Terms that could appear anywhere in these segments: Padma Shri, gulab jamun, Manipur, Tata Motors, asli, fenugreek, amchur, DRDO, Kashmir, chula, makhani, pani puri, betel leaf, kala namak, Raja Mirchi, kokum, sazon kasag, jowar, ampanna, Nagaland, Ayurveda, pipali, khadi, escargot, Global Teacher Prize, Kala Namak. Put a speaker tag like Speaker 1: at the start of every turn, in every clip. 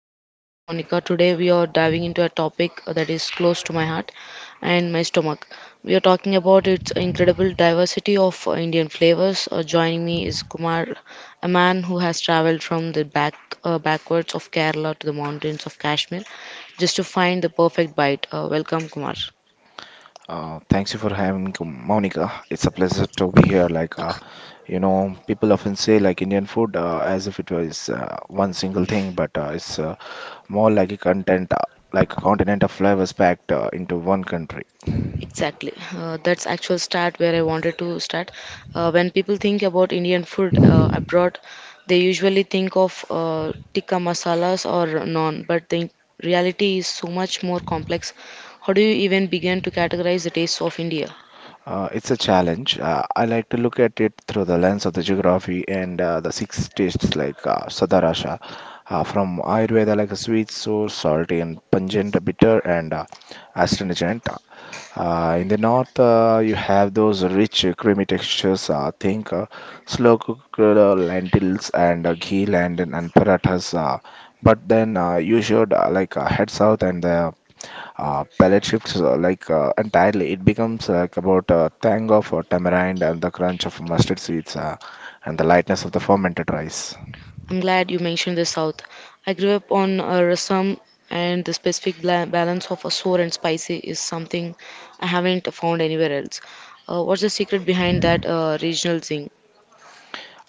Speaker 1: I'm your host, Monica. Today, we are diving into a topic that is close to my heart and my stomach. We are talking about its incredible diversity of Indian flavors. Joining me is Kumar, a man who has traveled from the backwards of Kerala to the mountains of Kashmir just to find the perfect bite. Welcome, Kumar.
Speaker 2: Thanks you for having me, Monica. It's a pleasure to be here. People often say Indian food as if it was one single thing, but it's more like a content, like a continent of flavors packed into one country.
Speaker 1: Exactly. That's actual start where I wanted to start. When people think about Indian food abroad, they usually think of tikka masalas or naan, but the reality is so much more complex. How do you even begin to categorize the tastes of India?
Speaker 2: It's a challenge. I like to look at it through the lens of the geography and the six tastes like Sadarasha. From Ayurveda, like a sweet, sour, salty, and pungent, bitter, and astringent. In the north, you have those rich, creamy textures. Think Slow cooked lentils and ghee and parathas. But then you should head south and the palate shifts entirely. It becomes about a tang of tamarind and the crunch of mustard seeds and the lightness of the fermented rice.
Speaker 1: I'm glad you mentioned the South. I grew up on rasam, and the specific balance of a sour and spicy is something I haven't found anywhere else. What's the secret behind that regional thing?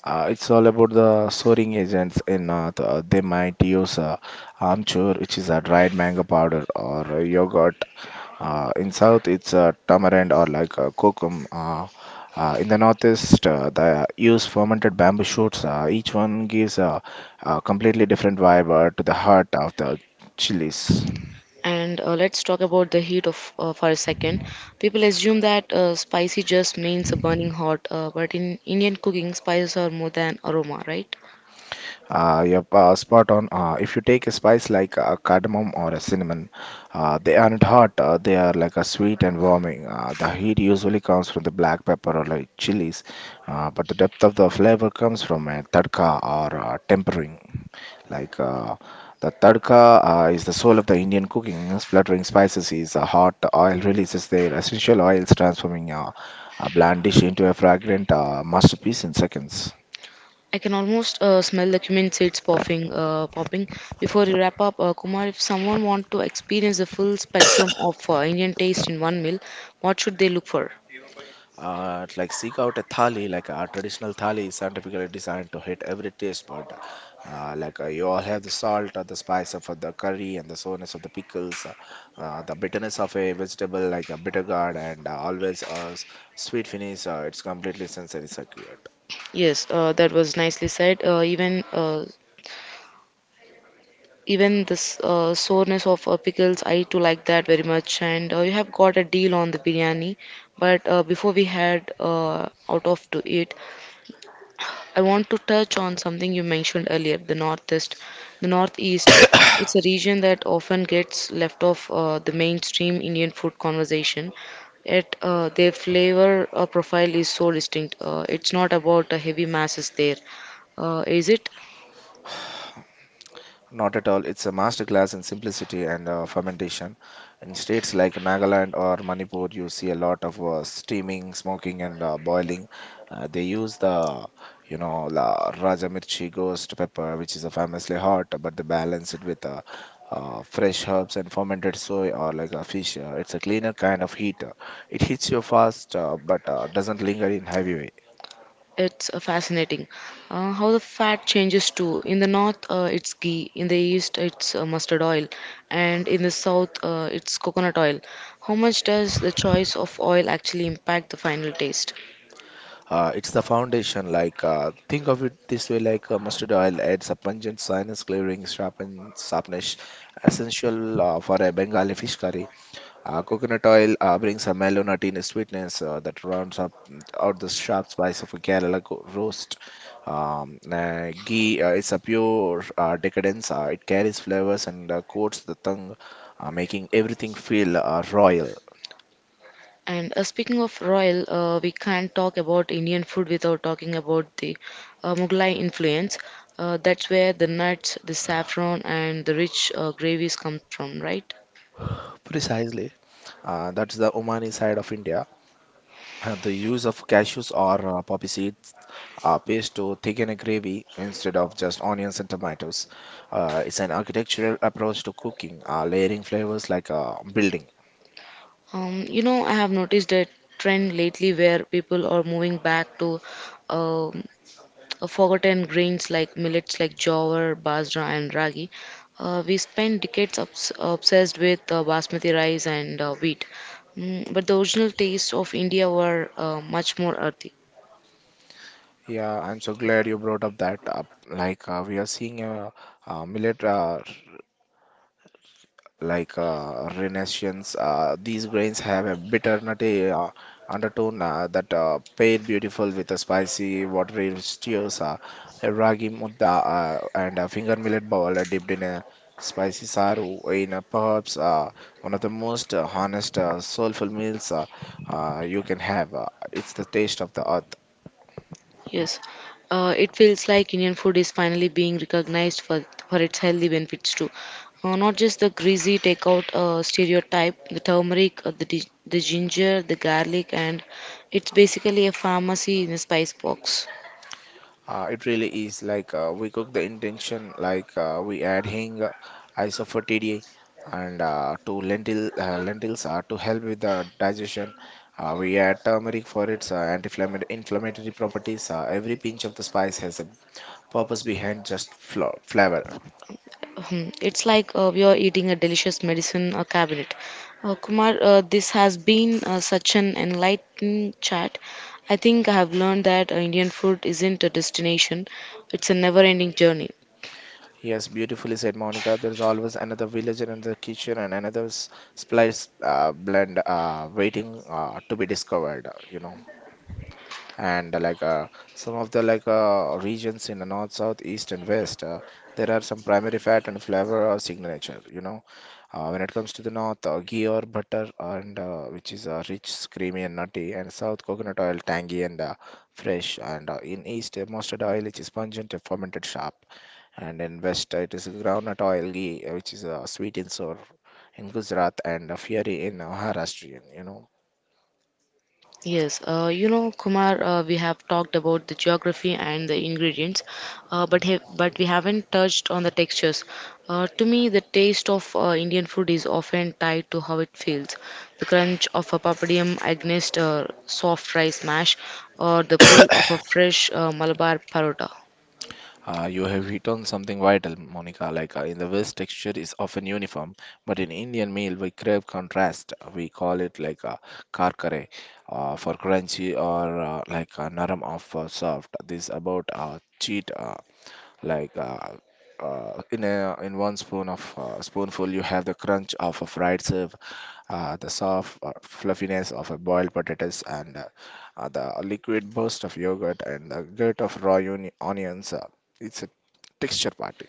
Speaker 2: It's all about the soaring agents in north. They might use amchur, which is a dried mango powder, or yogurt. In south, it's tamarind or kokum. In the northeast, they use fermented bamboo shoots. Each one gives a completely different vibe to the heart of the chilies.
Speaker 1: And let's talk about the heat of for a second. People assume that spicy just means a burning hot, but in Indian cooking, spices are more than aroma, right?
Speaker 2: Yep, spot on. If you take a spice like cardamom or a cinnamon, they aren't hot. They are like a sweet and warming. The heat usually comes from the black pepper or like chilies, but the depth of the flavor comes from a tadka or tempering. Like uh, the tadka is the soul of the Indian cooking, splattering spices is hot oil releases their essential oils, transforming a bland dish into a fragrant masterpiece in seconds.
Speaker 1: I can almost smell the cumin seeds popping. Before we wrap up, Kumar, if someone want to experience the full spectrum of Indian taste in one meal, what should they look for?
Speaker 2: Seek out a thali, like a traditional thali is scientifically designed to hit every taste bud. You all have the salt or the spice of the curry and the sourness of the pickles, the bitterness of a vegetable like a bitter gourd, and always a sweet finish. It's completely sensory circuit.
Speaker 1: Yes, that was nicely said. Even this soreness of pickles I too like that very much and you have got a deal on the biryani but before we head out of to eat I want to touch on something you mentioned earlier the northeast it's a region that often gets left off the mainstream indian food conversation yet their flavor profile is so distinct it's not about the heavy masses there is it.
Speaker 2: Not at all. It's a masterclass in simplicity and fermentation. In states like Nagaland or Manipur, you see a lot of steaming, smoking, and boiling. They use la Raja Mirchi ghost pepper, which is a famously hot, but they balance it with fresh herbs and fermented soy or like a fish. It's a cleaner kind of heat. It hits you fast, but doesn't linger in heavy way.
Speaker 1: It's fascinating how the fat changes too. In the north, it's ghee. In the east, it's mustard oil, and in the south, it's coconut oil. How much does the choice of oil actually impact the final taste?
Speaker 2: It's the foundation. Think of it this way: mustard oil adds a pungent, sinus clearing, sharpness, essential for a Bengali fish curry. Coconut oil brings a mellow nut in sweetness that rounds up out the sharp spice of a roast. Ghee is a pure decadence. It carries flavors and coats the tongue, making everything feel royal.
Speaker 1: And speaking of royal, we can't talk about Indian food without talking about the Mughlai influence. That's where the nuts, the saffron, and the rich gravies come from, right?
Speaker 2: Precisely. That's the Omani side of India. The use of cashews or poppy seeds are paste to thicken a gravy instead of just onions and tomatoes. It's an architectural approach to cooking, layering flavors like a building.
Speaker 1: You know, I have noticed a trend lately where people are moving back to um, forgotten grains like millets, like jowar, bajra, and ragi. We spent decades obsessed with basmati rice and wheat, mm, but the original tastes of India were much more earthy.
Speaker 2: Yeah, I'm so glad you brought up that up. We are seeing a millet. Renaissance. These grains have a bitter nutty undertone that pair beautiful with a spicy, watery stews, a ragi mudda, and a finger millet bowl dipped in a spicy saru. In a perhaps one of the most honest, soulful meals you can have. It's the taste of the earth.
Speaker 1: Yes, it feels like Indian food is finally being recognized for its healthy benefits too. Not just the greasy takeout stereotype, the turmeric, the ginger, the garlic, and it's basically a pharmacy in a spice box.
Speaker 2: It really is we cook the intention, we add hing, isophotidae, and to lentil lentils are to help with the digestion. We add turmeric for its anti-inflammatory properties. Every pinch of the spice has a purpose behind just flo flavor.
Speaker 1: Hmm, it's like we are eating a delicious medicine cabinet. Kumar, this has been such an enlightening chat. I think I have learned that Indian food isn't a destination, it's a never ending journey.
Speaker 2: Yes, beautifully said, Monica. There's always another villager in the kitchen and another spice blend waiting to be discovered. You know, and like some of the regions in the north south east and west, there are some primary fat and flavor signature, you know. When it comes to the north, ghee or butter and which is rich creamy and nutty, and south coconut oil tangy and fresh, and in east mustard oil which is pungent and fermented sharp, and in west it is groundnut oil ghee which is sweet and sour in Gujarat and Fieri in Maharashtrian, you know.
Speaker 1: Yes, you know, Kumar, we have talked about the geography and the ingredients, but we haven't touched on the textures. To me, the taste of Indian food is often tied to how it feels. The crunch of a papadum against a soft rice mash, or the pull of a fresh Malabar parotta.
Speaker 2: You have hit on something vital, Monica. In the West, texture is often uniform, but in Indian meal, we crave contrast. We call it like a karkare for crunchy or a naram of for soft. This about cheat, like. Uh, in a in one spoon of spoonful you have the crunch of a fried serve, the soft fluffiness of a boiled potatoes and the liquid burst of yogurt and the grit of raw onions. It's a texture party.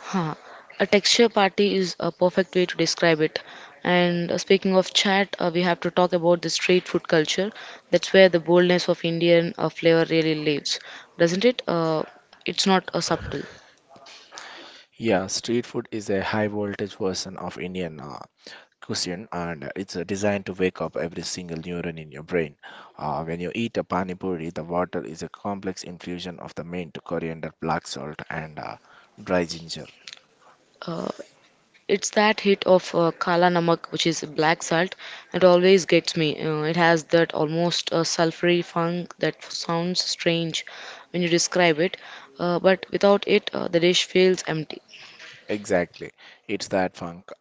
Speaker 1: Huh. A texture party is a perfect way to describe it. And speaking of chat, we have to talk about the street food culture. That's where the boldness of Indian flavor really lives, doesn't it? It's not subtle.
Speaker 2: Yeah, street food is a high voltage version of Indian cuisine and it's designed to wake up every single neuron in your brain. When you eat a pani puri, the water is a complex infusion of the mint, coriander, black salt, and dry ginger.
Speaker 1: It's that hit of kala namak, which is black salt. It always gets me. It has that almost sulfury funk that sounds strange when you describe it, but without it, the dish feels empty.
Speaker 2: Exactly. It's that funk,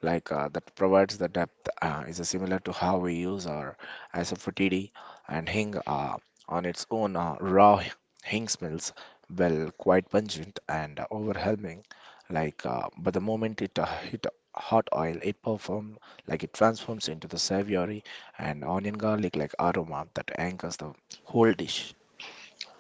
Speaker 2: that provides the depth, is similar to how we use our asafoetida and hing on its own. Raw hing smells well, quite pungent and overwhelming. But the moment it hit hot oil, it performs it transforms into the savory and onion garlic like aroma that anchors the whole dish.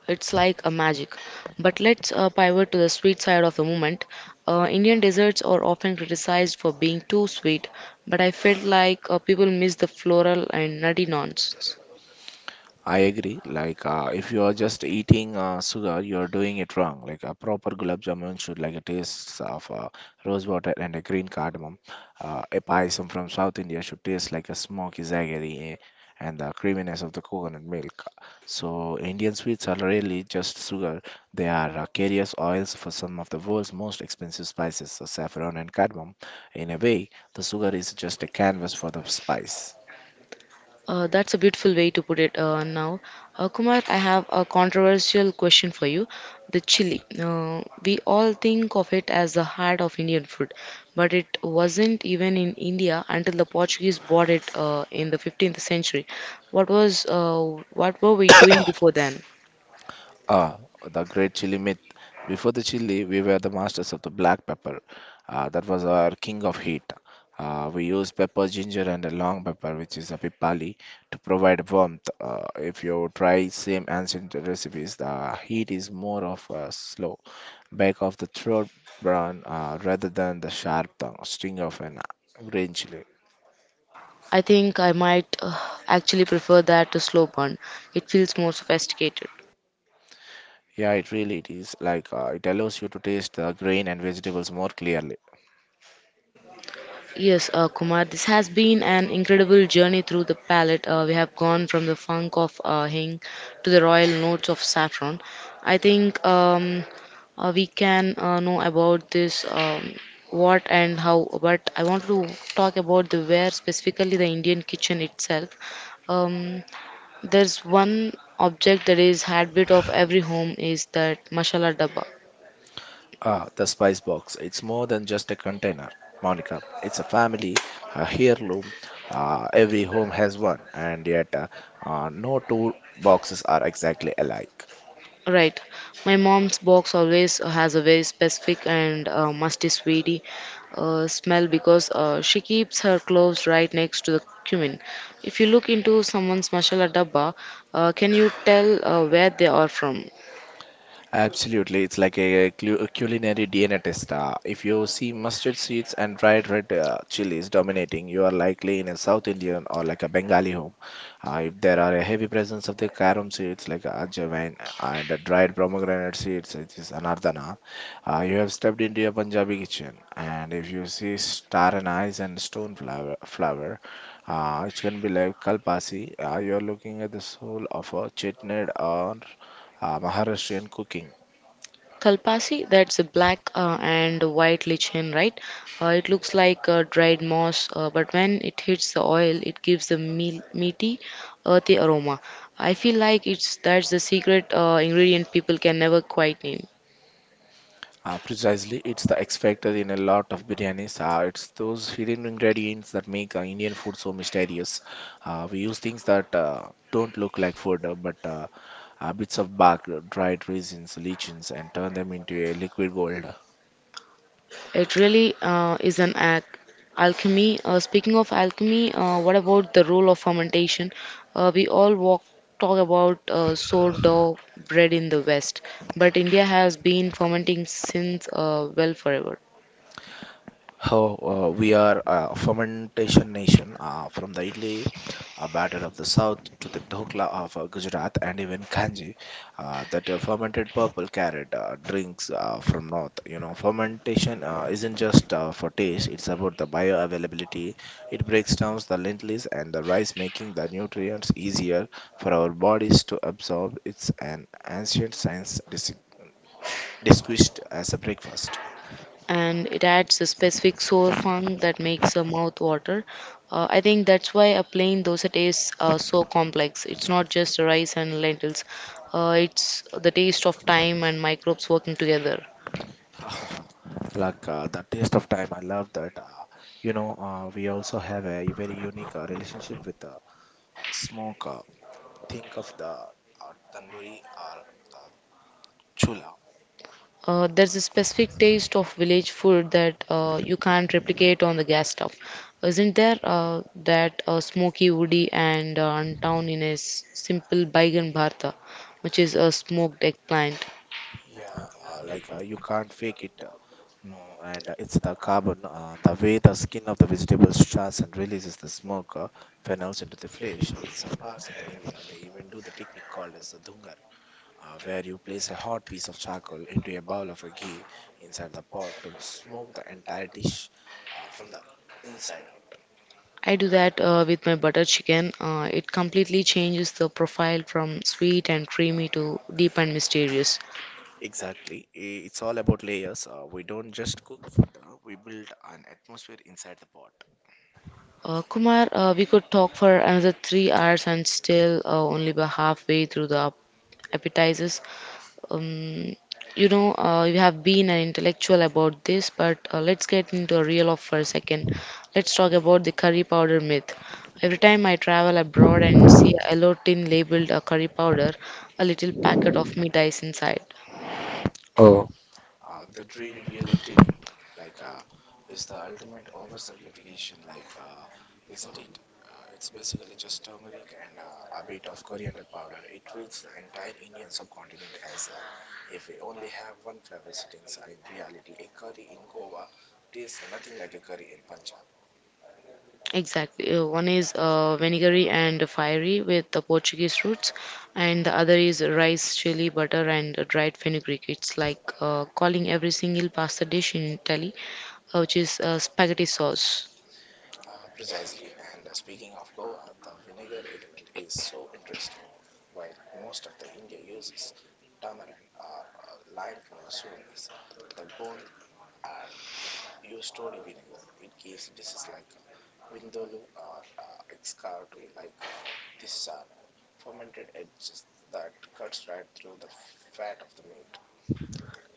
Speaker 1: It's like a magic. But let's pivot to the sweet side of the moment. Indian desserts are often criticized for being too sweet, but I felt like people miss the floral and nutty notes.
Speaker 2: I agree. If you are just eating sugar, you are doing it wrong. Like a proper gulab jamun should like a taste of rose water and a green cardamom. A payasam from South India should taste like a smoky jaggery eh, and the creaminess of the coconut milk. So Indian sweets are really just sugar. They are carriers oils for some of the world's most expensive spices, so saffron and cardamom. In a way, the sugar is just a canvas for the spice.
Speaker 1: That's a beautiful way to put it now. Kumar, I have a controversial question for you. The chili. We all think of it as the heart of Indian food, but it wasn't even in India until the Portuguese brought it in the 15th century. What were we doing before then?
Speaker 2: Ah, the great chili myth. Before the chili, we were the masters of the black pepper. That was our king of heat. We use pepper, ginger, and a long pepper, which is a pipali, to provide warmth. If you try same ancient recipes, the heat is more of a slow back of the throat burn rather than the sharp tongue sting of an green chili.
Speaker 1: I think I might actually prefer that to slow burn. It feels more sophisticated.
Speaker 2: Yeah, it really it is it allows you to taste the grain and vegetables more clearly.
Speaker 1: Yes, Kumar, this has been an incredible journey through the palette. We have gone from the funk of Hing to the royal notes of saffron. I think we can know about this what and how, but I want to talk about the where, specifically the Indian kitchen itself. Um, there's one object that is had bit of every home is that masala dabba.
Speaker 2: Ah, the spice box. It's more than just a container, Monica. It's a family, a heirloom. Every home has one, and yet no two boxes are exactly alike.
Speaker 1: Right. My mom's box always has a very specific and musty, sweety smell because she keeps her cloves right next to the cumin. If you look into someone's masala dabba, can you tell where they are from?
Speaker 2: Absolutely, it's like a culinary DNA test. If you see mustard seeds and dried red chilies dominating, you are likely in a South Indian or like a Bengali home. If there are a heavy presence of the carom seeds like ajwain and dried pomegranate seeds, which is anardana, you have stepped into a Punjabi kitchen. And if you see star anise and stone flower which can be like kalpasi, you are looking at the soul of a chutney or Maharashtrian cooking.
Speaker 1: Kalpasi, that's a black and white lichen, right? It looks like dried moss, but when it hits the oil, it gives the meal, meaty, earthy aroma. I feel like it's that's the secret ingredient people can never quite name.
Speaker 2: Precisely, it's the X factor in a lot of biryanis. It's those hidden ingredients that make Indian food so mysterious. We use things that don't look like food, but bits of bark, dried raisins, lichens, and turn them into a liquid gold.
Speaker 1: It really is an act. Alchemy. Speaking of alchemy, what about the role of fermentation? Uh, we all walk, talk about sourdough bread in the West, but India has been fermenting since well forever.
Speaker 2: How We are a fermentation nation from the idli batter of the south to the dhokla of Gujarat and even kanji that fermented purple carrot drinks from north. You know, fermentation isn't just for taste, it's about the bioavailability. It breaks down the lentils and the rice, making the nutrients easier for our bodies to absorb. It's an ancient science discussed as a breakfast.
Speaker 1: And it adds a specific sour funk that makes a mouth water. I think that's why a plain dosa tastes so complex. It's not just rice and lentils. It's the taste of time and microbes working together.
Speaker 2: The taste of time, I love that. We also have a very unique relationship with smoke. Think of the tandoori or uh, chula.
Speaker 1: There's a specific taste of village food that you can't replicate on the gas stove, isn't there? That smoky, woody, and untown in a simple baigan bharta, which is a smoked eggplant.
Speaker 2: Yeah, you can't fake it. No, and it's the carbon, the way the skin of the vegetables charts and releases the smoke funnels into the flesh. In some parts of the India, they even do the technique called as the dhungar, where you place a hot piece of charcoal into a bowl of a ghee inside the pot to smoke the entire dish from the inside out.
Speaker 1: I do that with my butter chicken. It completely changes the profile from sweet and creamy to deep and mysterious.
Speaker 2: Exactly. It's all about layers. We don't just cook food, we build an atmosphere inside the pot.
Speaker 1: Kumar, we could talk for another 3 hours and still only be halfway through the appetizers. Um, you know, you have been an intellectual about this, but let's get into a real of for a second. Let's talk about the curry powder myth. Every time I travel abroad and see a yellow tin labeled a curry powder, a little packet of meat dies inside.
Speaker 2: The dreaded yellow tin, like, is the ultimate oversimplification, like, isn't it? It's basically just turmeric and a bit of coriander powder. It treats the entire Indian subcontinent as if we only have one flavor sitting. So in reality, a curry in Goa tastes nothing like a curry in Punjab.
Speaker 1: Exactly. One is vinegary and fiery with the Portuguese roots, and the other is rice, chili, butter, and dried fenugreek. It's like calling every single pasta dish in Italy, which is spaghetti sauce.
Speaker 2: Precisely. And speaking of Goa, the vinegar element is so interesting. While most of the India uses tamarind or lime for soreness, the Gond are used to the vinegar. It gives dishes like vindaloo or escargot, like this are fermented edges that cuts right through the fat of the meat.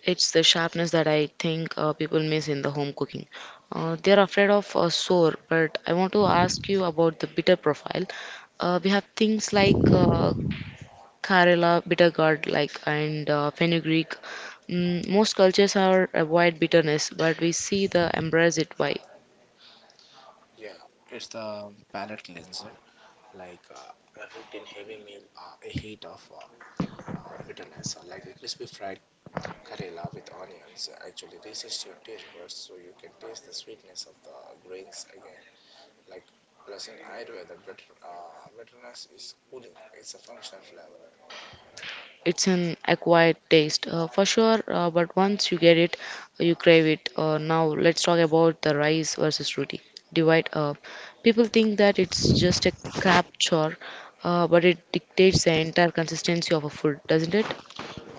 Speaker 1: It's the sharpness that I think people miss in the home cooking. They're afraid of sour, but I want to ask you about the bitter profile. We have things like Karela, bitter gourd, like and fenugreek. Mm, most cultures are avoid bitterness, but we see the embrace it. Why?
Speaker 2: Yeah, it's the palate cleanser, like effect in heavy meal, a heat of bitterness, like a crispy fried Karela with onions actually this is your taste buds so you can taste the sweetness of the grains again. Like plus in Ayurveda, the bitterness is cooling. It's a functional flavor.
Speaker 1: It's an acquired taste for sure, but once you get it, you crave it. Now, let's talk about the rice versus roti divide. People think that it's just a crap chore, but it dictates the entire consistency of a food, doesn't it?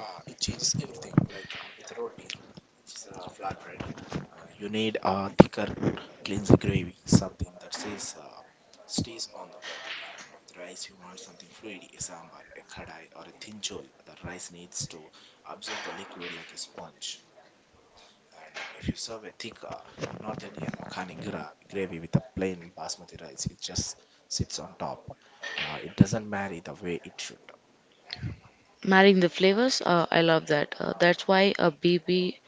Speaker 2: It changes everything. Like with roti, which is a flatbread, uh, you need a thicker, cleansed gravy, something that says stays on the bread. And with rice, you want something fluidy, a sambar, a kadai, or a thin chol. The rice needs to absorb the liquid like a sponge. And if you serve a thick, not any makhani gravy with a plain basmati rice, it just sits on top. It doesn't marry the way it should.
Speaker 1: Marrying the flavors, I love that. That's why a BB,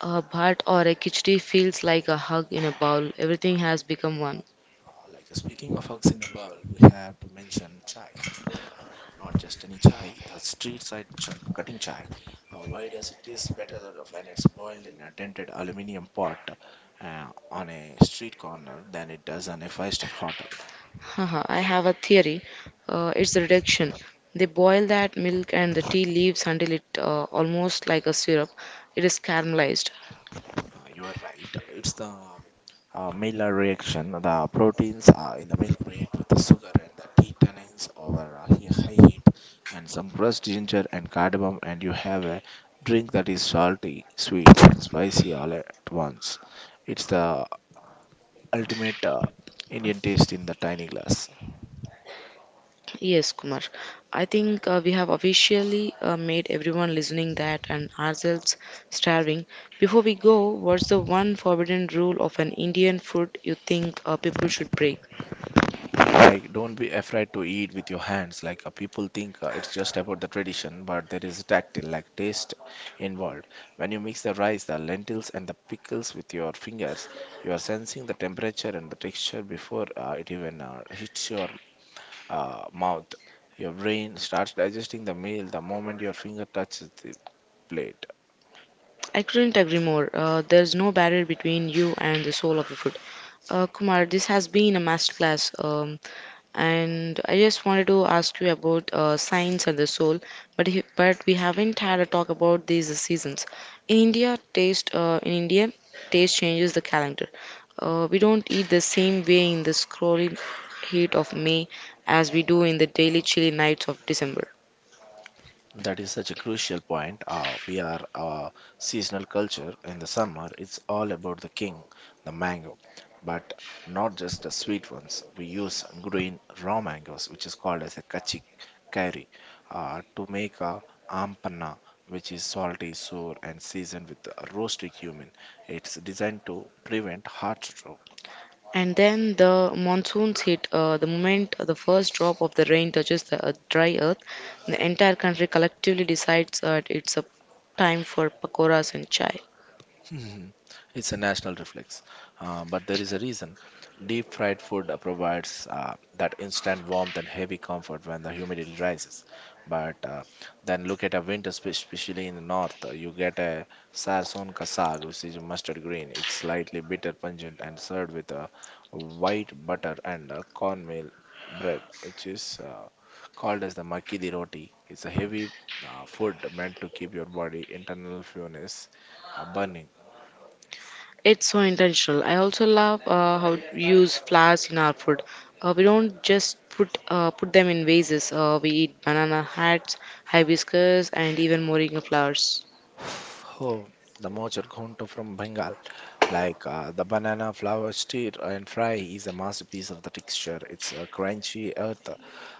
Speaker 1: a bhat, or a khichdi feels like a hug in a bowl. Everything has become one.
Speaker 2: Like speaking of hugs in a bowl, we have to mention chai. But not just any chai, the street side cutting chai. Why does it taste better than when it's boiled in a dented aluminium pot on a street corner than it does on a five-star hotel?
Speaker 1: Haha, I have a theory. It's reduction. They boil that milk and the tea leaves until it almost like a syrup. It is caramelized.
Speaker 2: You are right. It's the Miller reaction. The proteins in the milk react with the sugar and the tea tannins over high heat, and some crushed ginger and cardamom, and you have a drink that is salty, sweet, and spicy all at once. It's the ultimate Indian taste in the tiny glass.
Speaker 1: Yes, Kumar. I think we have officially made everyone listening that and ourselves starving. Before we go, what's the one forbidden rule of an Indian food you think people should break?
Speaker 2: Like, don't be afraid to eat with your hands. Like, people think it's just about the tradition, but there is tactile, like taste involved. When you mix the rice, the lentils, and the pickles with your fingers, you are sensing the temperature and the texture before it even hits your mouth. Your brain starts digesting the meal the moment your finger touches the plate.
Speaker 1: I couldn't agree more. There's no barrier between you and the soul of the food. Kumar, this has been a masterclass. And I just wanted to ask you about science and the soul, but we haven't had a talk about these seasons. In India, taste changes the calendar. We don't eat the same way in the scrolling heat of May as we do in the daily chilly nights of December.
Speaker 2: That is such a crucial point. We are a seasonal culture. In the summer, it's all about the king, the mango, but not just the sweet ones. We use green raw mangoes, which is called as a kachi curry, to make a ampanna, which is salty, sour, and seasoned with roasted cumin. It's designed to prevent heart stroke.
Speaker 1: And then the monsoons hit. The moment the first drop of the rain touches the earth, dry earth, the entire country collectively decides that it's a time for pakoras and chai.
Speaker 2: Mhm. It's a national reflex, but there is a reason. Deep fried food provides that instant warmth and heavy comfort when the humidity rises. But then look at a winter, especially in the north, you get a sazon kasag, which is a mustard green. It's slightly bitter, pungent, and served with a white butter and a cornmeal bread, which is called as the makki di roti. It's a heavy food meant to keep your body internal fuelness burning.
Speaker 1: It's so intentional. I also love how we use flowers in our food. We don't just put put them in vases. We eat banana hats, hibiscus, and even moringa flowers.
Speaker 2: Oh, the mochar ghonto from Bengal, like the banana flour stir and fry, is a masterpiece of the texture. It's a crunchy earth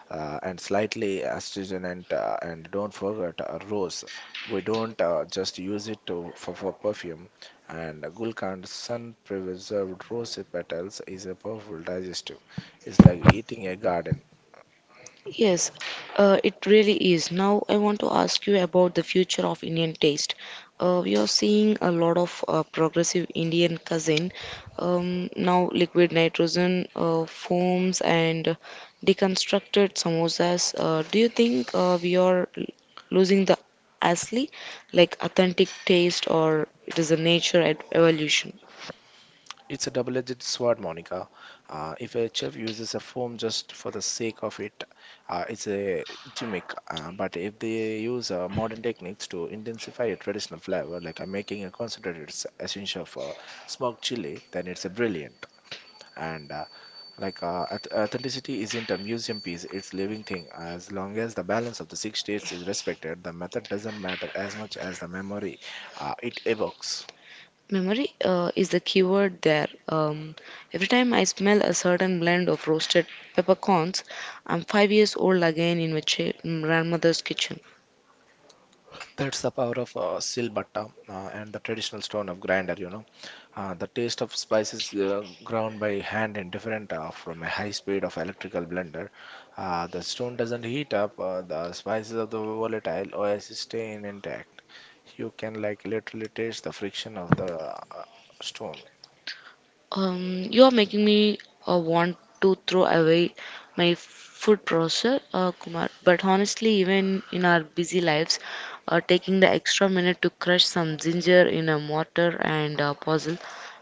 Speaker 2: and slightly astringent, and don't forget rose. We don't just use it for perfume. And gulkand sun preserved rose petals is a powerful digestive. It's like eating a garden.
Speaker 1: Yes, it really is. Now, I want to ask you about the future of Indian taste. We are seeing a lot of progressive Indian cuisine. Now, liquid nitrogen foams and deconstructed samosas. Do you think we are losing the asli, like authentic taste, or it is a nature evolution?
Speaker 2: It's a double-edged sword, Monica. If a chef uses a foam just for the sake of it, it's a gimmick. But if they use modern techniques to intensify a traditional flavor, like making a concentrated essence of smoked chili, then it's a brilliant. And uh, authenticity isn't a museum piece; it's living thing. As long as the balance of the six states is respected, the method doesn't matter as much as the memory it evokes.
Speaker 1: Memory is the keyword there. Every time I smell a certain blend of roasted peppercorns, I'm 5 years old again in my grandmother's kitchen.
Speaker 2: That's the power of silbatta and the traditional stone of grinder. The taste of spices ground by hand and different from a high speed of electrical blender. The stone doesn't heat up, the spices of the volatile oasis stay intact. You can like literally taste the friction of the stone.
Speaker 1: You are making me want to throw away my food processor, Kumar. But honestly, even in our busy lives, taking the extra minute to crush some ginger in a mortar and a puzzle,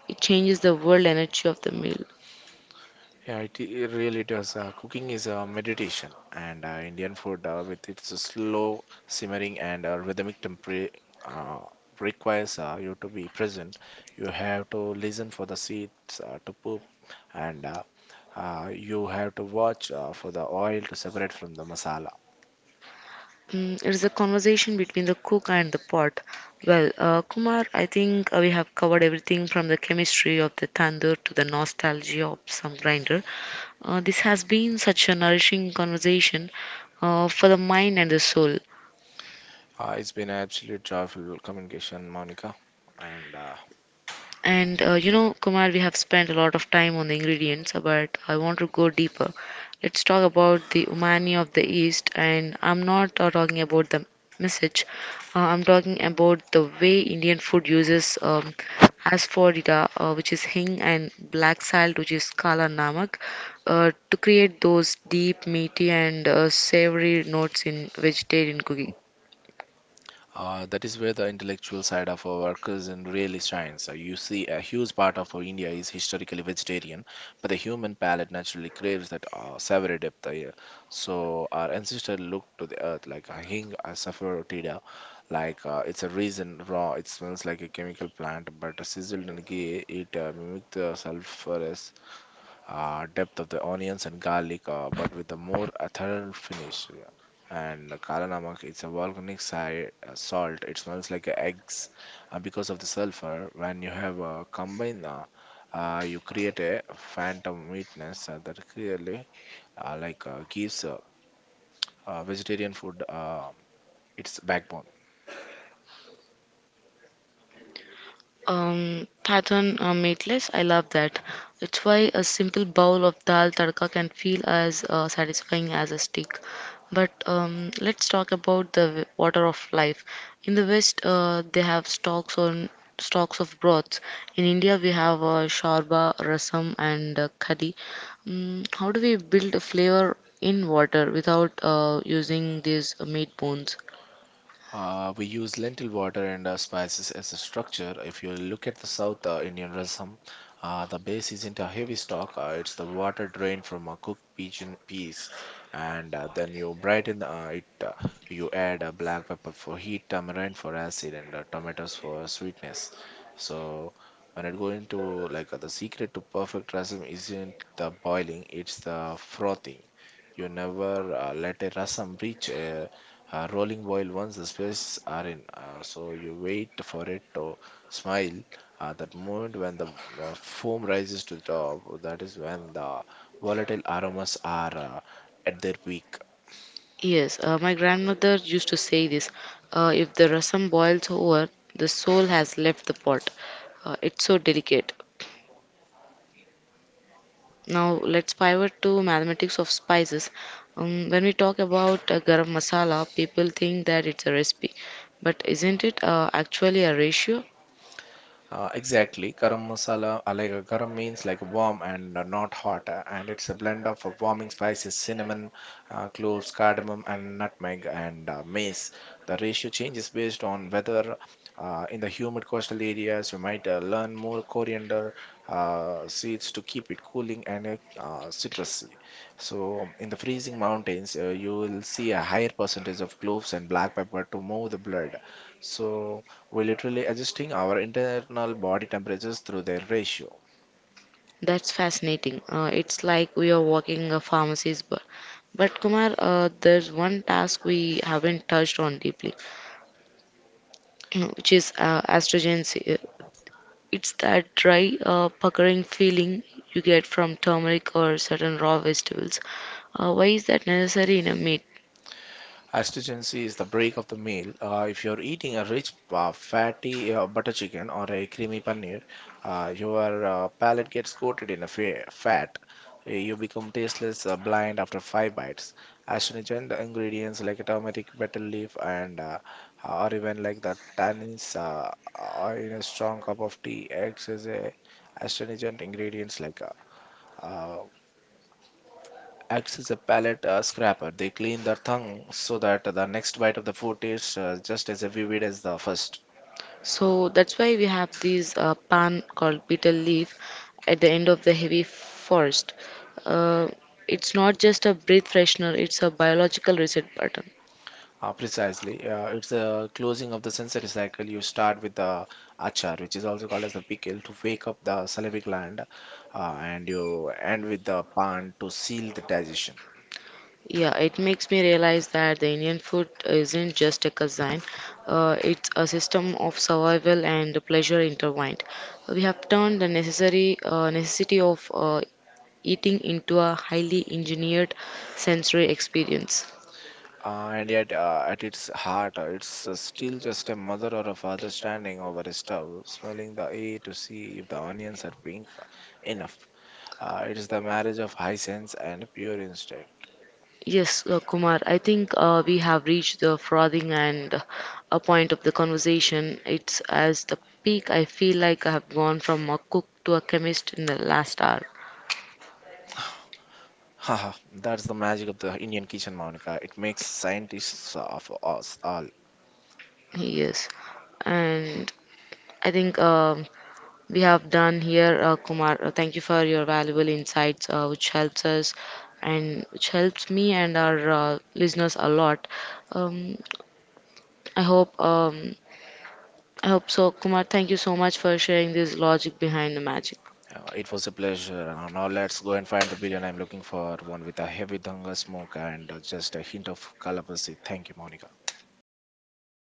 Speaker 1: it changes the world energy of the meal.
Speaker 2: Yeah, it really does. Cooking is a meditation, and Indian food, with its slow simmering and rhythmic temper, uh, requires you to be present. You have to listen for the seeds to poop, and you have to watch for the oil to separate from the masala.
Speaker 1: Mm, it is a conversation between the cook and the pot. Well, Kumar, I think we have covered everything from the chemistry of the tandoor to the nostalgia of some grinder. This has been such a nourishing conversation for the mind and the soul.
Speaker 2: It's been an absolute joyful communication, Monica, and
Speaker 1: And you know, Kumar, we have spent a lot of time on the ingredients, but I want to go deeper. Let's talk about the umami of the East, and I'm not talking about the message. I'm talking about the way Indian food uses asphodita, which is hing, and black salt, which is kala namak, to create those deep, meaty, and savory notes in vegetarian cooking.
Speaker 2: That is where the intellectual side of our cuisine really shines. You see, a huge part of our India is historically vegetarian, but the human palate naturally craves that savory depth. Yeah. So our ancestors looked to the earth like a hing, a saffrotida, like it's a reason raw. It smells like a chemical plant, but sizzled and gay, it mimicked the sulfur depth of the onions and garlic, but with a more ethereal finish. Yeah. And Kala Namak, it's a volcanic salt. It smells like a eggs, and because of the sulfur, when you have combined, you create a phantom sweetness that clearly like gives vegetarian food its backbone.
Speaker 1: Pattern meatless, I love that. It's why a simple bowl of dal tadka can feel as satisfying as a steak. But let's talk about the water of life. In the West, they have stocks of broths. In India, we have sharba, rasam, and khadi. Mm, how do we build a flavor in water without using these meat bones?
Speaker 2: We use lentil water and spices as a structure. If you look at the South Indian rasam, the base isn't a heavy stock. It's the water drained from a cooked pigeon piece, and then you brighten it. You add black pepper for heat, tamarind for acid, and tomatoes for sweetness. So when it go into like the secret to perfect rasam isn't the boiling, it's the frothing. You never let a rasam reach a rolling boil once the spices are in. So you wait for it to smile. That moment when the foam rises to the top, that is when the volatile aromas are at their peak.
Speaker 1: Yes, my grandmother used to say this, if the rasam boils over, the soul has left the pot. It's so delicate. Now, let's pivot to mathematics of spices. When we talk about garam masala, people think that it's a recipe, but isn't it actually a ratio?
Speaker 2: Exactly. Garam masala, garam means like warm and not hot, and it's a blend of warming spices, cinnamon, cloves, cardamom, and nutmeg and mace. The ratio changes based on whether in the humid coastal areas you might learn more coriander seeds to keep it cooling and citrusy. So in the freezing mountains, you will see a higher percentage of cloves and black pepper to move the blood. So we literally adjusting our internal body temperatures through their ratio.
Speaker 1: That's fascinating. It's like we are walking a pharmacy's bar. But Kumar, there's one task we haven't touched on deeply, which is astragency. It's that dry, puckering feeling you get from turmeric or certain raw vegetables. Why is that necessary in a meat?
Speaker 2: Astringency is the break of the meal. If you're eating a rich, fatty butter chicken or a creamy paneer, your palate gets coated in a fat. You become tasteless, blind after five bites. Astringent ingredients like turmeric, betel leaf, and or even like the tannins are in a strong cup of tea acts as a astringent ingredients like uh, acts as a palate scraper. They clean the tongue so that the next bite of the food tastes just as vivid as the first.
Speaker 1: So that's why we have this pan called betel leaf at the end of the heavy forest. Uh, it's not just a breath freshener, it's a biological reset button.
Speaker 2: Precisely. It's a closing of the sensory cycle. You start with the achar, which is also called as the pickle, to wake up the salivary gland, and you end with the pan to seal the digestion.
Speaker 1: Yeah, it makes me realize that the Indian food isn't just a cuisine, it's a system of survival and pleasure intertwined. We have turned the necessary necessity of eating into a highly engineered sensory experience.
Speaker 2: And yet, at its heart, it's still just a mother or a father standing over a stove, smelling the air to see if the onions are pink enough. It is the marriage of high sense and pure instinct.
Speaker 1: Yes, Kumar, I think we have reached the frothing and a point of the conversation. It's as the peak, I feel like I have gone from a cook to a chemist in the last hour.
Speaker 2: Haha, that's the magic of the Indian kitchen, Monica. It makes scientists of us all.
Speaker 1: Yes, and I think um, we have done here, Kumar. Thank you for your valuable insights, which helps us and which helps me and our listeners a lot. Um, Um, I hope so, Kumar. Thank you so much for sharing this logic behind the magic.
Speaker 2: It was a pleasure. Now let's go and find the biryani I'm looking for, one with a heavy danga smoke and just a hint of kalapasi. Thank you, Monica.